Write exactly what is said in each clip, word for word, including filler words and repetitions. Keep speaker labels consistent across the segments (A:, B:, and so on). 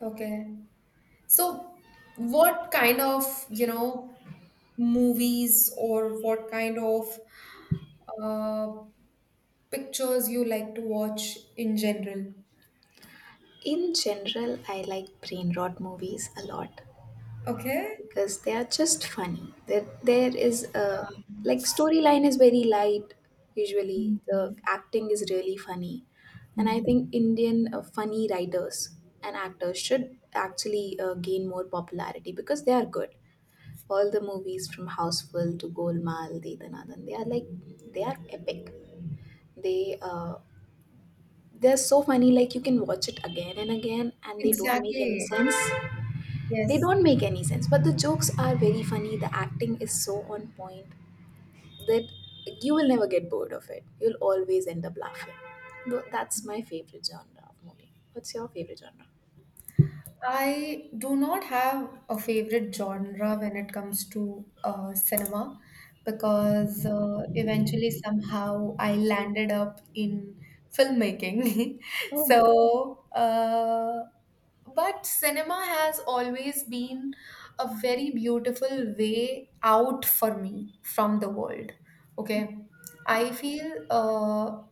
A: Okay. So, what kind of, you know, movies or what kind of uh, pictures you like to watch in general?
B: In general, I like brain rot movies a lot
A: Okay.
B: because they are just funny. There, there is a like storyline is very light. Usually, the acting is really funny, and I
A: Mhm.
B: think Indian uh, funny writers and actors should actually uh, gain more popularity because they are good. All the movies from Houseful to Golmaal, De they are like they are epic. They uh, they're so funny. Like you can watch it again and again, and they don't make any
A: Exactly.
B: sense. They
A: Yes.
B: don't make any sense, but the jokes are very funny. The acting is so on point that you will never get bored of it. You'll always end up laughing. Tho- That's my favorite genre of movie. What's your favorite genre?
A: I do not have a favorite genre when it comes to uh, cinema because uh, eventually somehow I landed up in filmmaking.
B: Oh.
A: So, uh, but cinema has always been a very beautiful way out for me from the world. Okay. I feel uh,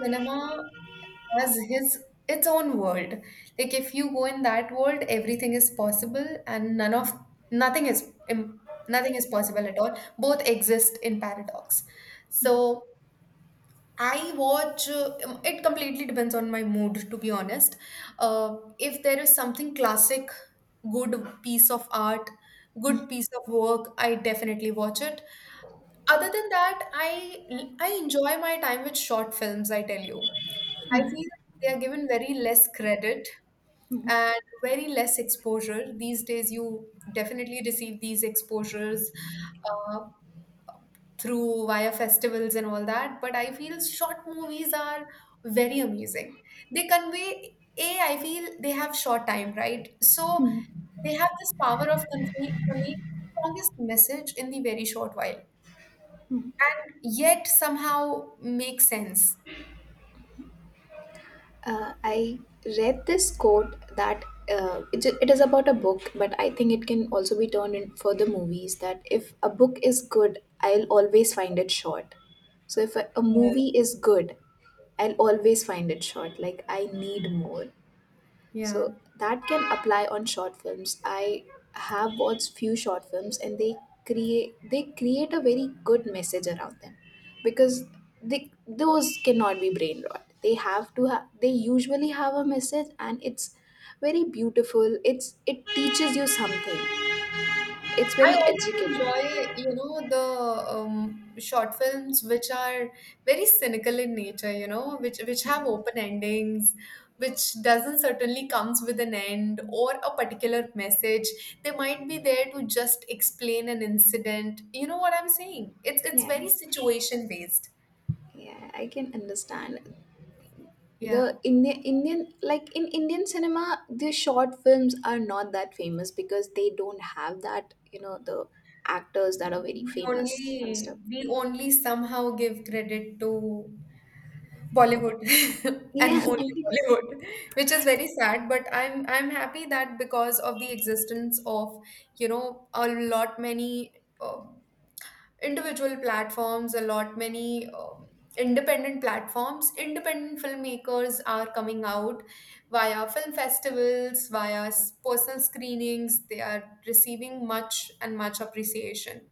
A: cinema has his its own world. Like if you go in that world, everything is possible, and none of nothing is im- nothing is possible at all. Both exist in paradox. So I watch. Uh, um, it completely depends on my mood, to be honest. Uh, if there is something classic, good piece of art, good piece of work, I definitely watch it. Other than that, I I enjoy my time with short films. I tell you. I feel like they are given very less credit
B: Hmm.
A: and very less exposure. These days, you definitely receive these exposures uh, through via festivals and all that. But I feel short movies are very amazing. They convey, A, I feel they have short time, right? So
B: Hmm.
A: they have this power of convey- conveying the strongest message in the very short while, yet somehow makes sense.
B: Uh, I read this quote that uh, it, it is about a book, but I think it can also be turned in for the movies that if a book is good, I'll always find it short. So if a, a
A: Yes.
B: movie is good, I'll always find it short. Like I need more.
A: Yeah.
B: So that can apply on short films. I have watched few short films and they create they create a very good message around them because they those cannot be brain rot. They have to have they usually have a message and it's very beautiful. It's it teaches you something. It's
A: I
B: very
A: also enjoy,
B: educating.
A: you know, the um, short films which are very cynical in nature, you know, which which have open endings, which doesn't certainly comes with an end or a particular message. They might be there to just explain an incident. You know what I'm saying? It's it's
B: Yeah,
A: very situation based.
B: yeah, I can understand.
A: Yeah.
B: the Indian Indian like in Indian cinema, the short films are not that famous because they don't have that, you know, the actors that are very
A: We
B: famous and stuff.
A: only we only somehow give credit to Bollywood and
B: Yeah, I
A: only
B: think,
A: Bollywood, which is very sad, but I'm I'm happy that because of the existence of, you know, a lot many um individual platforms, a lot many um independent platforms, independent filmmakers are coming out via film festivals, via s- personal screenings. They are receiving much and much appreciation.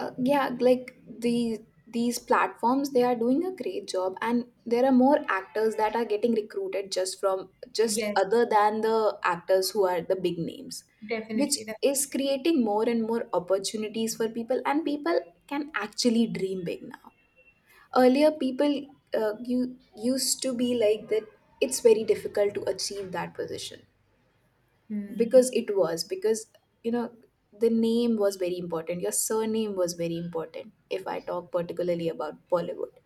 B: uh, yeah, like the these platforms they are doing a great job and there are more actors that are getting recruited just from just
A: Yes,
B: other than the actors who are the big names which
A: definitely,
B: is
A: definitely.
B: creating more and more opportunities for people and people can actually dream big now earlier people uh, you used to be like that it's very difficult to achieve that position because
A: Hmm.
B: it was because you know the name was very important your surname was very important if I talk particularly about Bollywood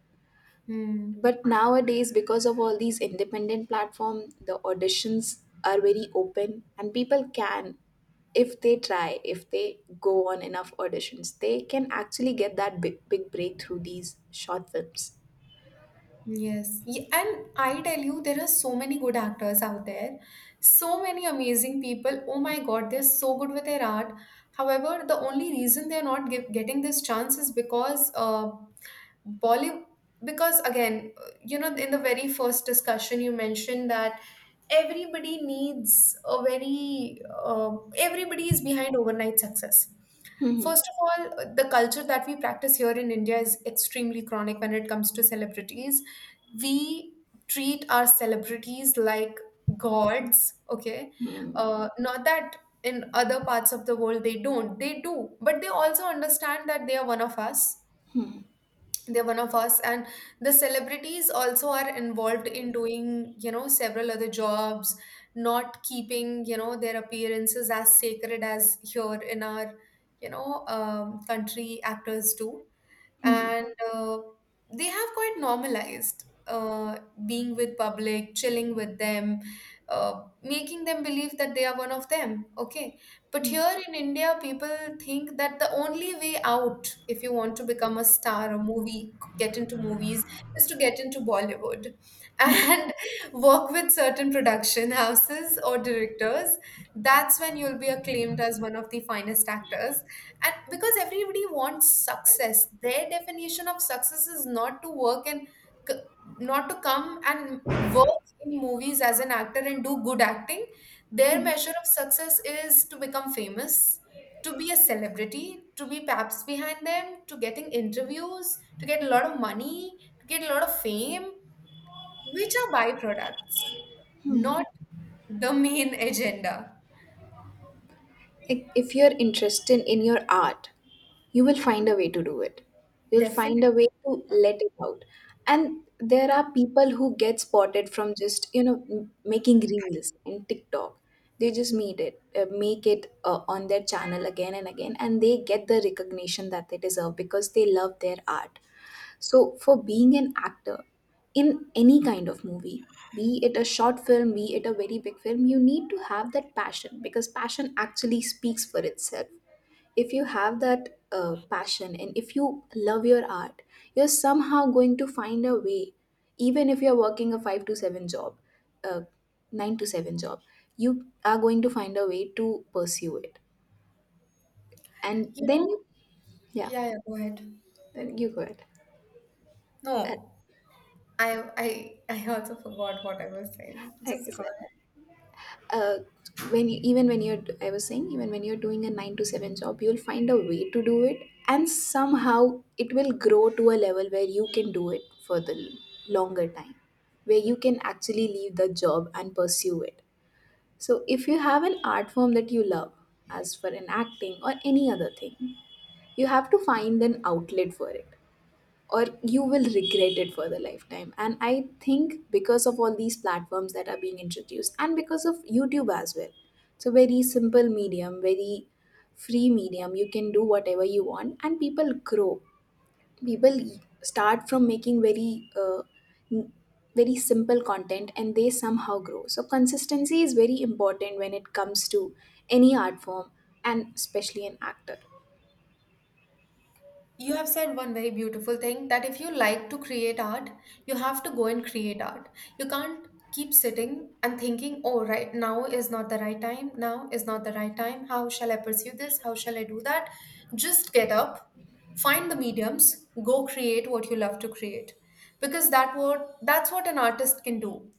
A: Hmm.
B: but nowadays because of all these independent platform the auditions are very open and people can if they try if they go on enough auditions they can actually get that big big breakthrough these short films.
A: Yes. Yeah, and I tell you, there are so many good actors out there, so many amazing people. Oh my God, they're so good with their art. However, the only reason they're not give, getting this chance is because uh, Bollywood. Because again, uh, you know, in the very first discussion, you mentioned that everybody needs a very uh, everybody is behind overnight success.
B: Hmm.
A: First of all, the culture that we practice here in India is extremely chronic when it comes to celebrities. We treat our celebrities like gods. Okay. Uh, not that in other parts of the world they don't, they do, but they also understand that they are one of us. They're one of us, and the celebrities also are involved in doing, you know, several other jobs, not keeping, you know, their appearances as sacred as here in our, you know, um, country actors do.
B: Hmm,
A: And uh, they have quite normalized uh, being with public, chilling with them, uh, making them believe that they are one of them. Okay, but
B: hmm,
A: here in India, people think that the only way out, if you want to become a star, a movie, get into movies, is to get into Bollywood
B: hmm.
A: and work with certain production houses or directors. That's when you'll be acclaimed as one of the finest actors, and because everybody wants success, their definition of success is not to work and c- not to come and work in movies as an actor and do good acting. Their measure of success is to become famous, to be a celebrity, to be paps behind them, to getting interviews, to get a lot of money, to get a lot of fame, which are byproducts, not the main agenda.
B: Like, if you're interested in your art, you will find a way to do it. You'll find a
A: Definitely.
B: way to let it out. And there are people who get spotted from just, you know, m- making reels and TikTok. They just made it, uh, make it uh, on their channel again and again, and they get the recognition that they deserve because they love their art. So, for being an actor in any kind of movie, be it a short film, be it a very big film, you need to have that passion because passion actually speaks for itself. If you have that uh, passion and if you love your art, you're somehow going to find a way, even if you're working a five to seven job, a nine to seven job, you are going to find a way to pursue it. And
A: You know.
B: then you, yeah,
A: Yeah, yeah, go ahead.
B: then you go ahead. Uh,
A: No. I I I also forgot what I was saying.
B: I
A: Just
B: guess.
A: go ahead.
B: uh, when you, Even when you're i was saying even when you're doing a nine to seven job you'll find a way to do it and somehow it will grow to a level where you can do it for the l- longer time where you can actually leave the job and pursue it. So if you have an art form that you love as for an acting or any other thing, you have to find an outlet for it or you will regret it for the lifetime. And I think because of all these platforms that are being introduced and because of YouTube as well, it's a very simple medium, very free medium, you can do whatever you want and people grow. People start from making very uh, n- very simple content and they somehow grow. So consistency is very important when it comes to any art form, and especially an actor.
A: You have said one very beautiful thing that if you like to create art, you have to go and create art. You can't keep sitting and thinking, oh, right now is not the right time. Now is not the right time. How shall I pursue this? How shall I do that? Just get up, find the mediums, go create what you love to create, because that what that's what an artist can do.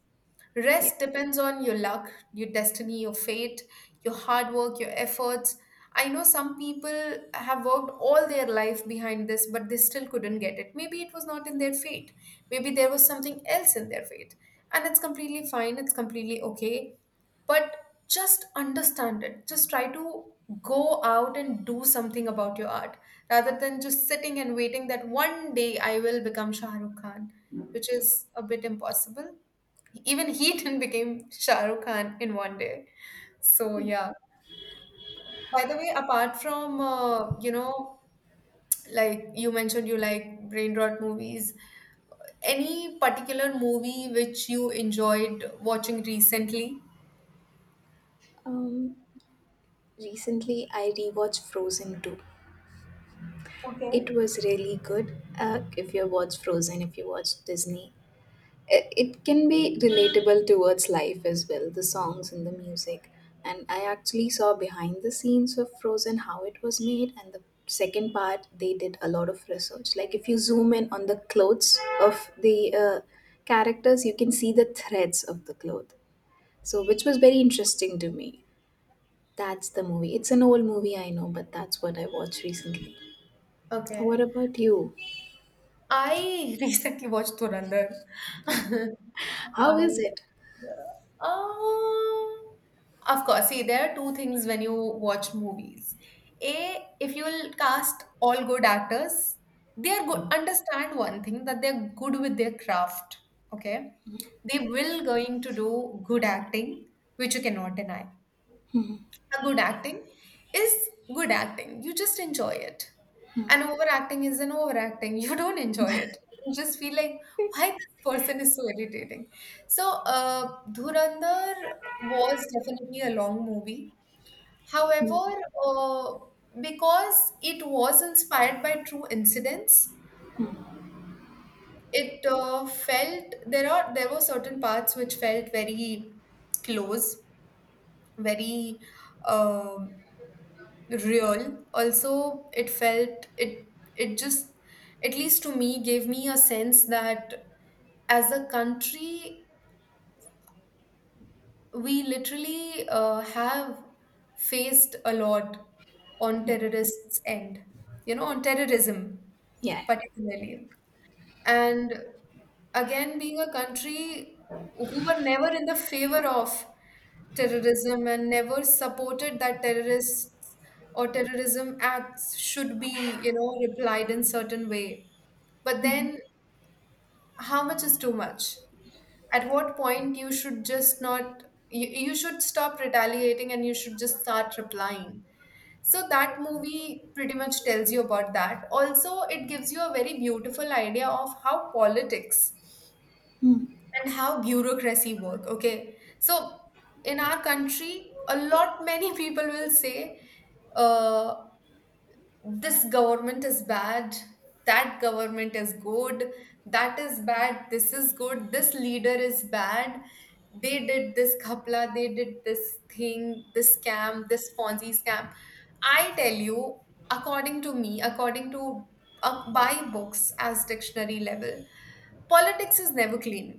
B: Yeah.
A: Rest depends on your luck, your destiny, your fate, your hard work, your efforts. I know some people have worked all their life behind this, but they still couldn't get it. Maybe it was not in their fate. Maybe there was something else in their fate. And it's completely fine, it's completely okay. But just understand it. Just try to go out and do something about your art rather than just sitting and waiting that one day I will become Shah Rukh Khan, which is a bit impossible. Even he didn't became Shah Rukh Khan in one day. So yeah. By the way, apart from uh, you know, like you mentioned, you like brain rot movies. Any particular movie which you enjoyed watching recently?
B: um recently I rewatched Frozen two.
A: Okay.
B: It was really good. Uh, if you watch Frozen, if you watch Disney, it, it can be relatable towards life as well, the songs and the music. And I actually saw behind the scenes of Frozen how it was made, and the second part they did a lot of research. Like if you zoom in on the clothes of the uh, characters, you can see the threads of the cloth. So, which was very interesting to me. That's the movie. It's an old movie, I know, but that's what I watched recently. What
A: Okay.
B: about you?
A: I recently watched Dhurandhar.
B: How is
A: I,
B: it?
A: uh, of course, see, there are two things when you watch movies. A, if you will cast all good actors, they are good.
B: Um.
A: Understand one thing that they're good with their craft. Okay, they will going to do good acting, which you cannot deny. A good acting is good acting. You just enjoy it. And overacting is an overacting. You don't enjoy it. You just feel like, why this person is so irritating. So, uh, Dhurandhar was definitely a long movie. However, uh, because it was inspired by true incidents, it uh, felt there are there were certain parts which felt very close, very um real. Also, it felt it, it just, at least to me, gave me a sense that as a country, we literally uh, have faced a lot on terrorists end, you know, on terrorism
B: Yeah.
A: particularly. And again, being a country who were never in the favor of terrorism and never supported that terrorists or terrorism acts should be, you know, replied in certain way, but then how much is too much, at what point you should just not, you, you should stop retaliating and you should just start replying. So that movie pretty much tells you about that. Also, it gives you a very beautiful idea of how politics
B: Hmm,
A: and how bureaucracy work. Okay, so in our country, a lot many people will say, uh, this government is bad, that government is good, that is bad, this is good, this leader is bad, they did this khapla, they did this thing, this scam, this ponzi scam. I tell you, according to me, according to uh, by books as dictionary level, politics is never clean.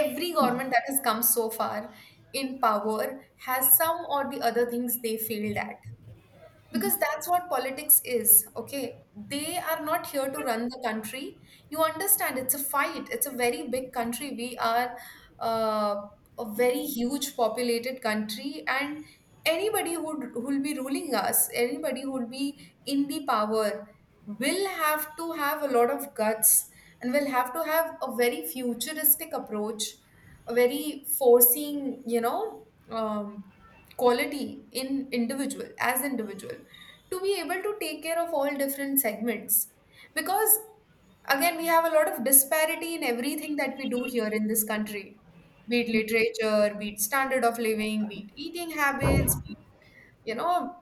A: Every
B: hmm.
A: government that has come so far in power has some or the other things they failed at, because that's what politics is. Okay, they are not here to run the country, you understand. It's a fight, it's a very big country we are, uh, a very huge populated country, and anybody who who'll be ruling us, anybody who'll be in the power will have to have a lot of guts and will have to have a very futuristic approach, a very foreseeing, you know, um, quality in individual as individual, to be able to take care of all different segments, because again, we have a lot of disparity in everything that we do here in this country, be it literature, be it standard of living, be it eating habits, be it, you know,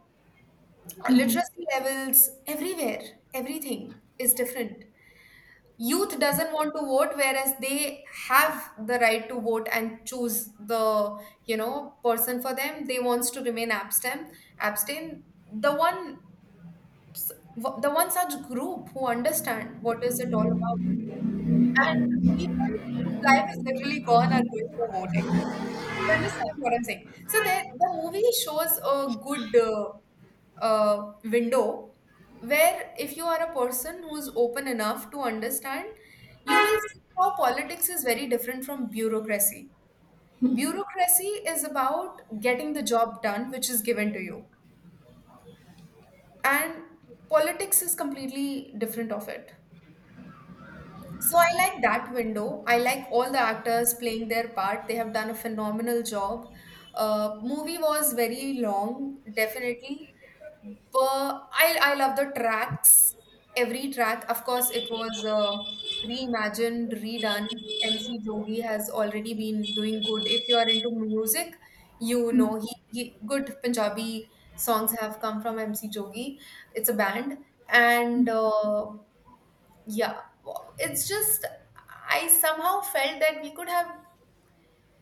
A: literacy levels. Everywhere, everything is different. Youth doesn't want to vote, whereas they have the right to vote and choose the, you know, person for them. They wants to remain abstain, abstain. The one, the one such group who understand what is it all about, and the people whose life is literally gone are going for voting. You understand what I'm saying? So there, the movie shows a good uh, uh, window where if you are a person who's open enough to understand, you will see how politics is very different from bureaucracy. Bureaucracy is about getting the job done which is given to you, and politics is completely different of it. So I like that window. I like all the actors playing their part. They have done a phenomenal job. Uh, movie was very long, definitely. But I I love the tracks. Every track, of course, it was uh, reimagined, redone. M C Jogi has already been doing good. If you are into music, you know he, he good Punjabi songs have come from M C Jogi. It's a band, and uh, yeah, wo- it's just I somehow felt that we could have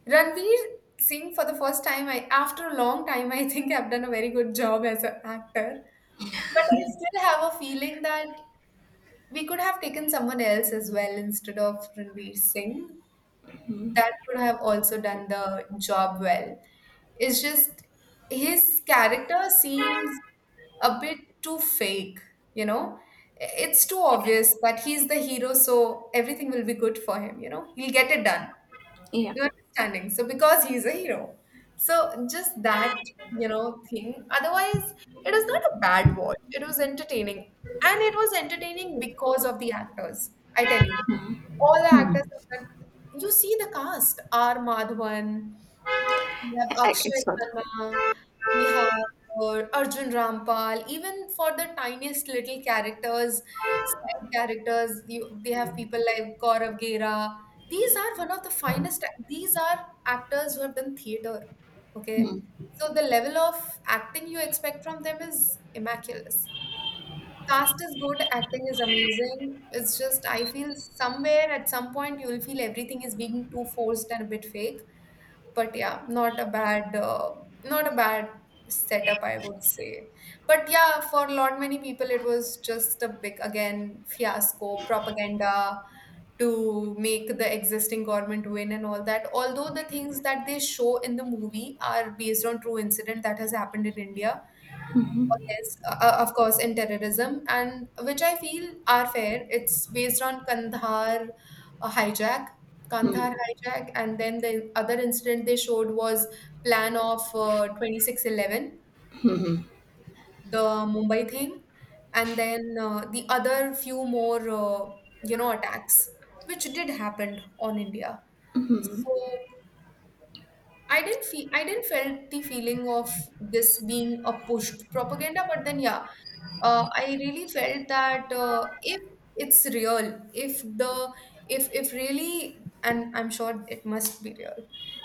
A: Ranveer Singh for the first time. I after a long time, I think I've done a very good job as an actor, but I still have a feeling that we could have taken someone else as well instead of Ranveer Singh. That could have also done the job well. It's just his character seems a bit too fake, you know? It's too obvious that he's the hero, so everything will be good for him, you know? He'll get it done.
B: Yeah.
A: You understanding? So because he's a hero. So just that, you know, thing. Otherwise, it was not a bad watch. It was entertaining. And it was entertaining because of the actors. I tell you. All the actors, have done- you see the cast. R. Madhavan, we
B: I,
A: have
B: I I
A: Akshay
B: saw that.
A: Khanna, we have uh, Arjun Rampal. Even for the tiniest little characters, side characters, you, they have people like Gaurav Gera. These are one of the finest. These are actors who have done theater. Okay,
B: Hmm.
A: so the level of acting you expect from them is immaculate. Cast is good, acting is amazing. It's just I feel somewhere at some point you will feel everything is being too forced and a bit fake, but yeah, not a bad uh, not a bad setup, I would say. But yeah, for a lot many people it was just a big, again, fiasco propaganda to make the existing government win and all that, although the things that they show in the movie are based on true incident that has happened in India. Yes, uh, uh, of course, in terrorism, and which I feel are fair. It's based on Kandahar uh, hijack, Kandahar hijack, and then the other incident they showed was plan of uh, twenty six eleven, the Mumbai thing, and then uh, the other few more, uh, you know, attacks which did happen on India. So I didn't feel I didn't felt the feeling of this being a pushed propaganda, but then yeah, uh, I really felt that uh, if it's real, if the if if really, and I'm sure it must be real,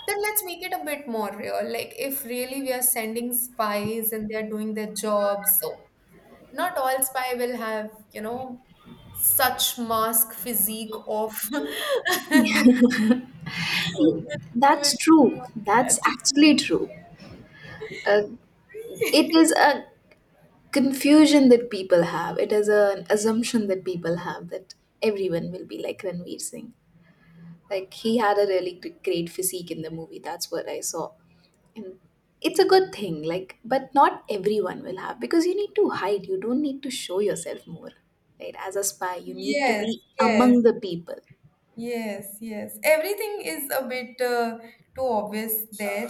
A: then let's make it a bit more real. Like if really we are sending spies and they're doing their jobs, so not all spy will have you know such mask physique of
B: That's true.
A: individual.
B: That's actually true. Uh, it is a confusion that people have. It is an assumption that people have that everyone will be like Ranveer Singh. Like he had a really gr- great physique in the movie. That's what I saw. And it's a good thing. Like, but not everyone will have because you need to hide. You don't need to show yourself more. Right? As a spy, you need to
A: Yes,
B: be
A: yes.
B: among the people.
A: Yes, yes. Everything is a bit uh, too obvious there.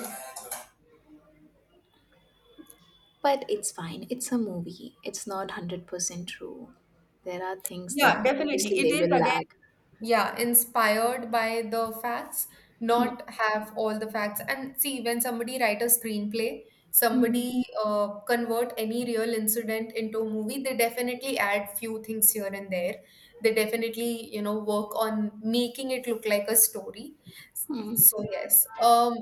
B: But it's fine. It's a movie. It's not one hundred percent true. There are things
A: Yeah,
B: that
A: definitely.
B: obviously
A: It
B: they
A: is
B: will
A: again,
B: lag.
A: yeah, inspired by the facts,
B: Hmm.
A: not have all the facts. And see, when somebody write a screenplay,
B: Hmm.
A: somebody uh, convert any real incident into a movie, they definitely add few things here and there. They definitely, you know, work on making it look like a story.
B: Hmm.
A: So yes. Um,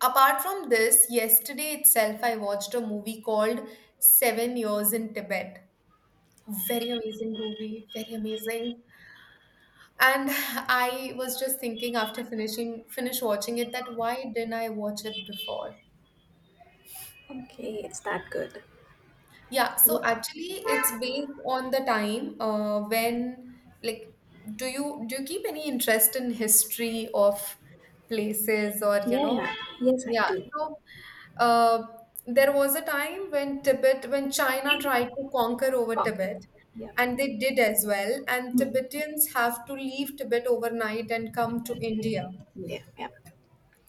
A: Apart from this, yesterday itself, I watched a movie called Seven Years in Tibet. Very amazing movie, very amazing. And I was just thinking after finishing finish watching it that why didn't I watch it before?
B: Okay, it's that good.
A: Yeah, so
B: What-
A: actually, it's based on the time uh, when like do you do you keep any interest in history of places, or you
B: Yeah,
A: know
B: yeah. Yes, I
A: yeah,
B: do.
A: so Uh, there was a time when Tibet, when China tried to conquer over
B: Conquer.
A: Tibet,
B: Yeah.
A: and they did as well. And
B: Hmm.
A: Tibetans have to leave Tibet overnight and come to India.
B: Yeah, yeah.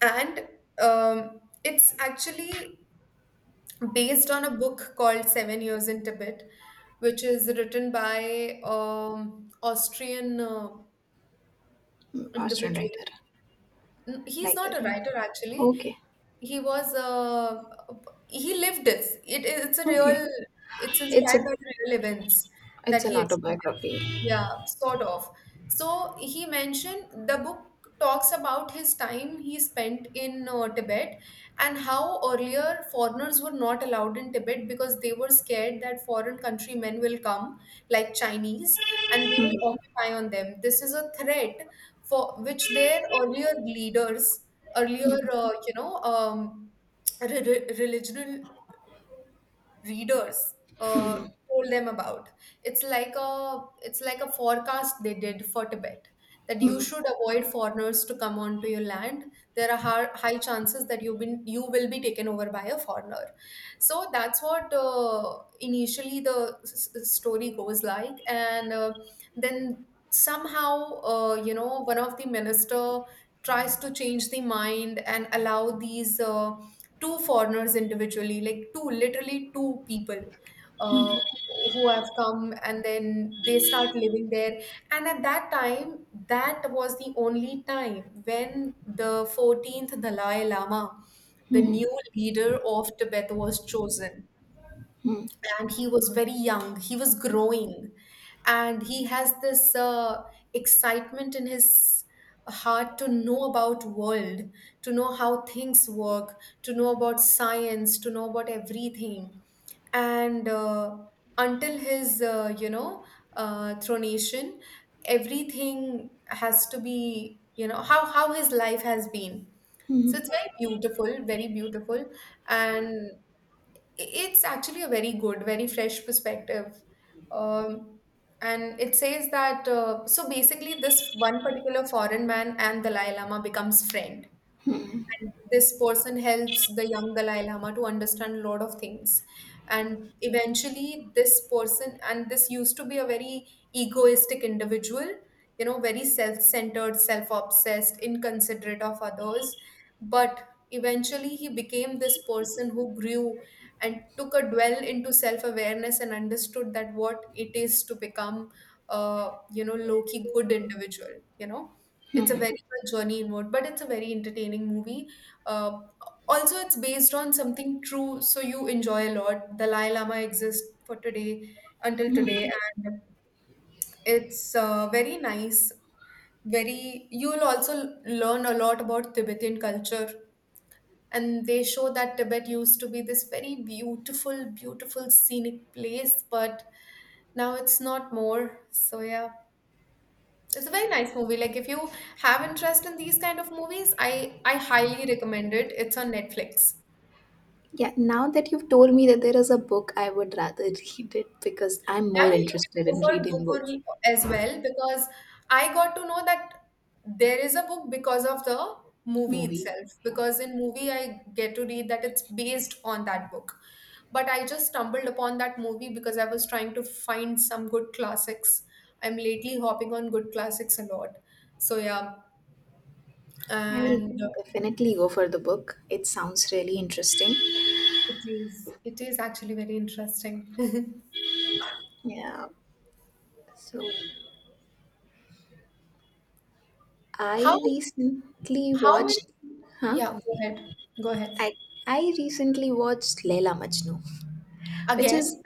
A: And um, it's actually based on a book called Seven Years in Tibet, which is written by um, Austrian uh,
B: Hmm. Austrian
A: individual.
B: writer.
A: N- He's
B: Writer,
A: not a
B: yeah.
A: writer actually.
B: Okay.
A: He was uh, he lived it. It it's a
B: Okay.
A: real it's
B: It's
A: inspired
B: a
A: by the real events
B: it's
A: that
B: an
A: he experienced.
B: autobiography.
A: Yeah, sort of. So he mentioned the book talks about his time he spent in uh, Tibet, and how earlier foreigners were not allowed in Tibet because they were scared that foreign countrymen will come, like Chinese, and they will occupy on them. This is a threat for which their earlier leaders, earlier uh, you know um, re- re- religional readers uh, told them about. It's like a it's like a forecast they did for Tibet, that you
B: Hmm.
A: should avoid foreigners to come onto your land. There are har- high chances that you've been you will be taken over by a foreigner. So that's what uh, initially the s- s- story goes like, and uh, then somehow, uh, you know one of the minister tries to change the mind and allow these. Uh, two foreigners individually, like two, literally two people uh, who have come, and then they start living there. And at that time, that was the only time when the fourteenth Dalai Lama, the
B: Hmm.
A: new leader of Tibet, was chosen,
B: Hmm.
A: and he was very young, he was growing, and he has this uh, excitement in his heart to know about world, to know how things work, to know about science, to know about everything. And uh, until his uh, you know uh, thronation, everything has to be, you know how how his life has been. So
B: Hmm.
A: it's very beautiful, very beautiful. And it's actually a very good, very fresh perspective. Um, and it says that uh, so basically, this one particular foreign man and Dalai Lama becomes friend, and this person helps the young Dalai Lama to understand a lot of things. And eventually, this person, and this used to be a very egoistic individual, you know, very self centered, self obsessed, inconsiderate of others. But eventually, he became this person who grew and took a dwell into self awareness and understood that what it is to become a, you know, low key good individual. you know it's a very good journey inward, but it's a very entertaining movie. Uh, Also, it's based on something true, so you enjoy a lot. Dalai Lama exists for today, until today, and it's uh, very nice. Very, you will also learn a lot about Tibetan culture, and they show that Tibet used to be this very beautiful, beautiful scenic place, but now it's not more. So yeah. It's a very nice movie. Like if you have interest in these kind of movies, I I highly recommend it. It's on Netflix.
B: Yeah, now that you've told me that there is a book, I would rather read it because I'm
A: Yeah,
B: more
A: yeah, you can
B: interested
A: go
B: in reading
A: for
B: books,
A: Google as well, because I got to know that there is a book because of the movie
B: movie.
A: itself.
B: Yeah.
A: Because in movie I get to read that it's based on that book. But I just stumbled upon that movie because I was trying to find some good classics. I'm lately hopping on good classics a lot. So yeah,
B: I will
A: and uh,
B: definitely go for the book. It sounds really interesting.
A: it is. It is actually very interesting.
B: Yeah. So
A: How
B: I recently
A: how many?
B: watched, huh?
A: Yeah, go ahead. Go ahead.
B: I I recently watched Leela Majnu, which is
A: Again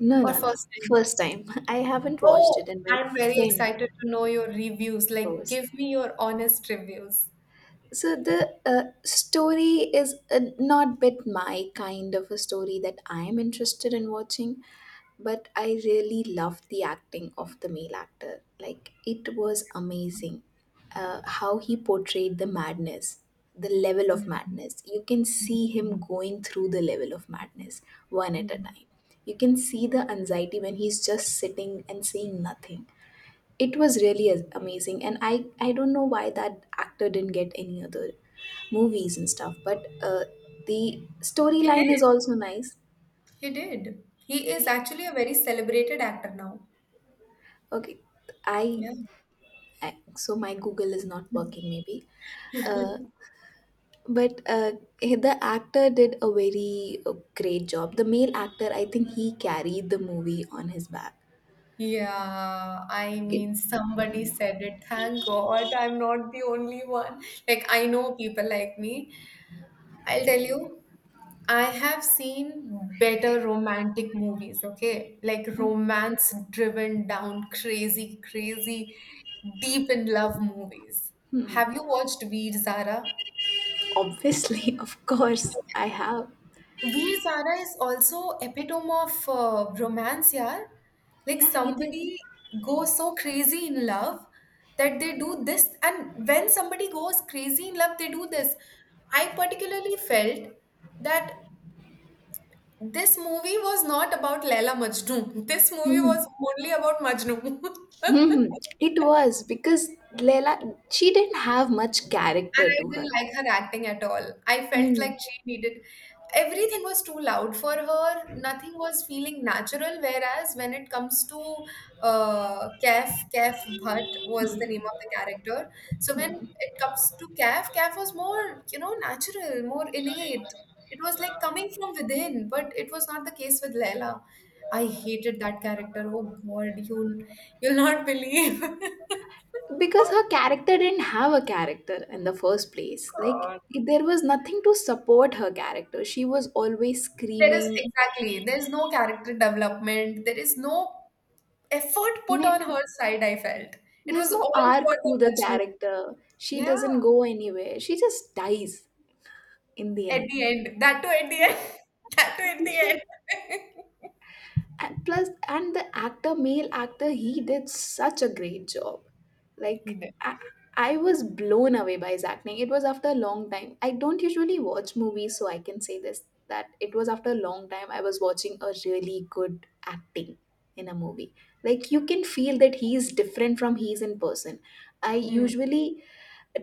B: no,
A: or
B: no, no.
A: first
B: First
A: time?
B: time. I haven't watched
A: Oh,
B: it, and my
A: I'm very
B: friend
A: excited to know your reviews. Like,
B: first.
A: give me your honest reviews.
B: So the uh, story is uh, not bit my kind of a story that I am interested in watching, but I really loved the acting of the male actor. Like it was amazing, uh, how he portrayed the madness, the level of madness. You can see him going through the level of madness one at a
A: Yeah.
B: time. You can see the anxiety when he's just sitting and saying nothing. It was really a- amazing. And i i don't know why that actor didn't get any other movies and stuff, but uh, the
A: He did.
B: storyline is also nice.
A: He did. He is actually a very celebrated actor now.
B: Okay. i,
A: Yeah.
B: I so my Google is not working maybe. uh, but uh, the actor did a very uh, great job. The male actor I think he carried the movie on his back.
A: Yeah, I
B: It
A: mean, somebody said it. Thank God I'm not the only one. Like, I know people like me. I'll tell you, I have seen better romantic movies, okay? Like romance driven down, crazy, crazy, deep in love movies. Have you watched Veer Zara?
B: obviously of course I have.
A: Veer Zara is also epitome of uh, romance, yaar. Like
B: Yeah, he did.
A: somebody goes so crazy in love that they do this, and when somebody goes crazy in love, they do this. I particularly felt that This movie was not about Laila Majnu. This movie
B: Mm-hmm.
A: was only about Majnu.
B: Hmm, it was because Leela, she didn't have much
A: And
B: character
A: I
B: to her.
A: didn't like her acting at all. I felt
B: Hmm.
A: like she needed, everything was too loud for her. Nothing was feeling natural. Whereas when it comes to uh, Kaif, Kaif Bhatt was the name
B: Hmm.
A: of the character. So when it comes to Kaif, Kaif was more, you know natural, more innate. It was like coming from within, but it was not the case with Leila. I hated that character. Oh God, you will, you'll you'll not believe.
B: Because her character didn't have a character in the first place. Like, there was nothing to support her character. She was always
A: There is
B: screaming.
A: exactly, there's no character development, there is no effort put
B: Ne-
A: on her side, I felt. It
B: There's
A: was
B: no
A: all
B: arc
A: for the
B: to the
A: Majnu.
B: character. She
A: Yeah,
B: doesn't go anywhere. She just dies in the
A: at
B: end.
A: the end. That too at the
B: Yeah.
A: end. That too at the end.
B: and plus and the actor male actor he did such a great job.
A: He
B: like
A: did.
B: I, I was blown away by his acting. It was after a long time. I don't usually watch movies, so I can say this that it was after a long time I was watching a really good acting in a movie. Like you can feel that he's different from he's in person. I
A: Hmm.
B: usually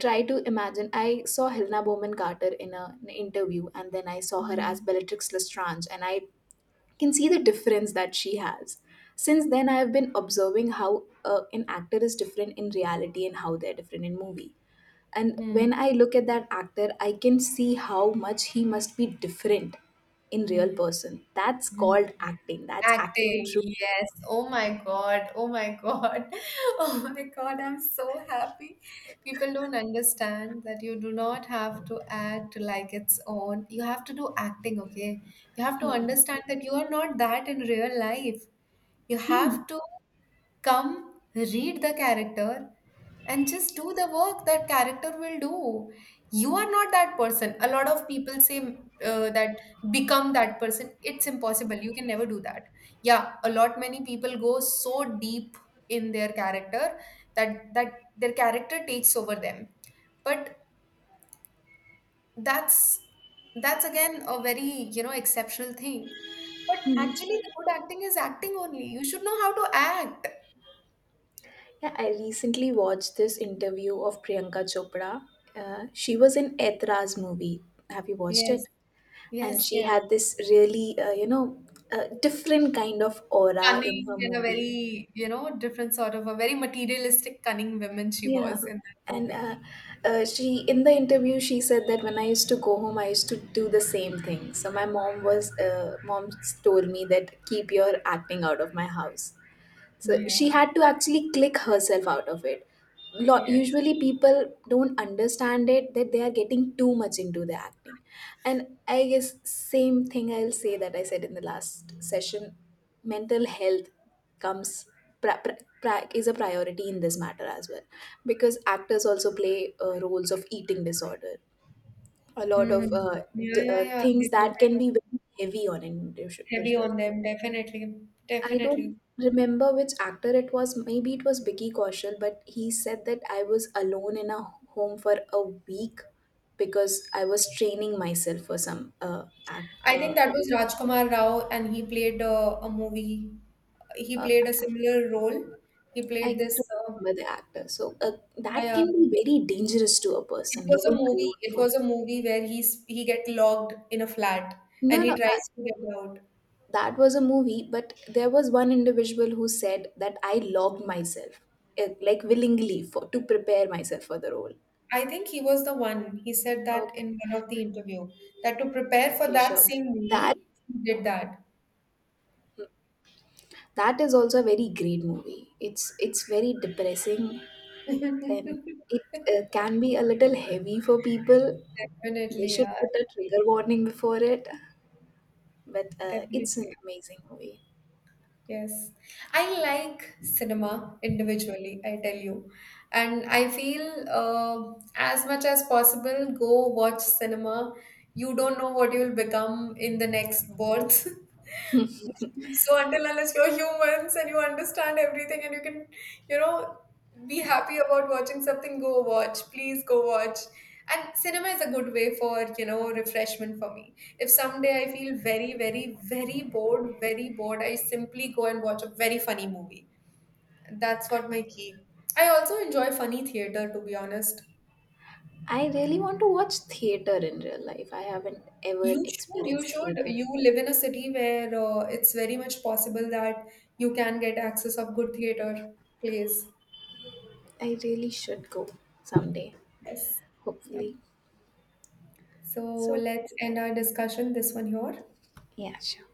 B: try to imagine I saw Helena Bowman Carter in a, an interview and then I saw her as
A: Hmm.
B: Bellatrix Lestrange and I can see the difference that she has. Since then, I have been observing how uh, an actor is different in reality and how they're different in movie. And
A: Hmm.
B: when I look at that actor, I can see how much he must be different in real
A: Hmm.
B: person. That's
A: Hmm.
B: called acting. That's acting in
A: Acting,
B: true
A: yes.
B: sense.
A: Oh my God. Oh my God. Oh my God. I'm so happy. People don't understand that you do not have to act like it's on. You have to do acting, okay? You have to understand that you are not that in real life. You
B: Hmm.
A: have to come, read the character, and just do the work that character will do. You are not that person. A lot of people say uh, that become that person. It's impossible, you can never do that. Yeah, a lot many people go so deep in their character that that their character takes over them, but that's that's again a very, you know exceptional thing. But actually the good acting is acting only, you should know how to act.
B: Yeah, I recently watched this interview of Priyanka Chopra. Uh, she was in Etra's movie. Have you watched
A: Yes,
B: it? And
A: yes,
B: she
A: yes,
B: had this really, uh, you know, uh, different kind of aura in
A: cunning
B: her
A: and a
B: movie.
A: very, you know, different sort of a very materialistic, cunning woman she
B: Yeah.
A: was in that
B: And
A: movie.
B: uh, uh, she in the interview she said that when I used to go home I used to do the same thing, so my mom was uh, mom told me that keep your acting out of my house. So she
A: Yeah,
B: had to actually click herself out of it. Lot,
A: yes.
B: usually people don't understand it that they are getting too much into the acting. And I guess same thing I'll say that I said in the last session, mental health comes pra- pra- pra- is a priority in this matter as well because actors also play uh, roles of eating disorder, a lot of
A: Hmm.
B: uh,
A: Yeah,
B: d-
A: yeah,
B: uh,
A: yeah. They
B: things
A: do,
B: that
A: they
B: can be
A: do.
B: very heavy on an
A: Heavy
B: individual.
A: on them, definitely.
B: I don't
A: Definitely.
B: remember which actor it was. Maybe it was Vicky Kaushal, but he said that I was alone in a home for a week because I was training myself for some uh, act.
A: I think
B: Uh,
A: that was Rajkumar Rao, and he played uh, a movie. He
B: uh,
A: played a similar role. He
B: I
A: played
B: don't
A: this. Uh,
B: remember the actor. So uh,
A: yeah,
B: that
A: yeah.
B: can be very dangerous to a
A: It
B: person
A: was a
B: living alone
A: movie. It
B: for.
A: was a movie where he's he get locked in a flat and
B: No,
A: he
B: no, uh,
A: tries to get out.
B: That was a movie, but there was one individual who said that I logged myself, uh, like willingly, for to prepare myself for the role.
A: I think he was the one. He said that
B: Okay,
A: in one of the interview that to prepare for
B: okay,
A: that
B: sure.
A: same
B: That
A: movie, he did that.
B: That is also a very great movie. It's it's very depressing and it uh, can be a little heavy for people. They
A: Definitely,
B: should
A: yeah,
B: put a trigger warning before it, but uh, it's an
A: definitely.
B: amazing movie.
A: Yes, I like cinema individually, I tell you. And I feel uh, as much as possible, go watch cinema. You don't know what you'll become in the next birth. So until unless you're humans and you understand everything and you can, you know, be happy about watching something, go watch. Please go watch. And cinema is a good way for, you know, refreshment for me. If someday I feel very, very, very bored, very bored, I simply go and watch a very funny movie. That's what my key. I also enjoy funny theater, to be honest.
B: I really want to watch theater in real life. I haven't ever
A: You should, you
B: experienced
A: should.
B: theater.
A: You live in a city where uh, it's very much possible that you can get access of good theater plays.
B: I really should go someday,
A: Yes. Yeah.
B: hopefully.
A: So
B: So,
A: let's end our discussion. This one here.
B: yeah, sure.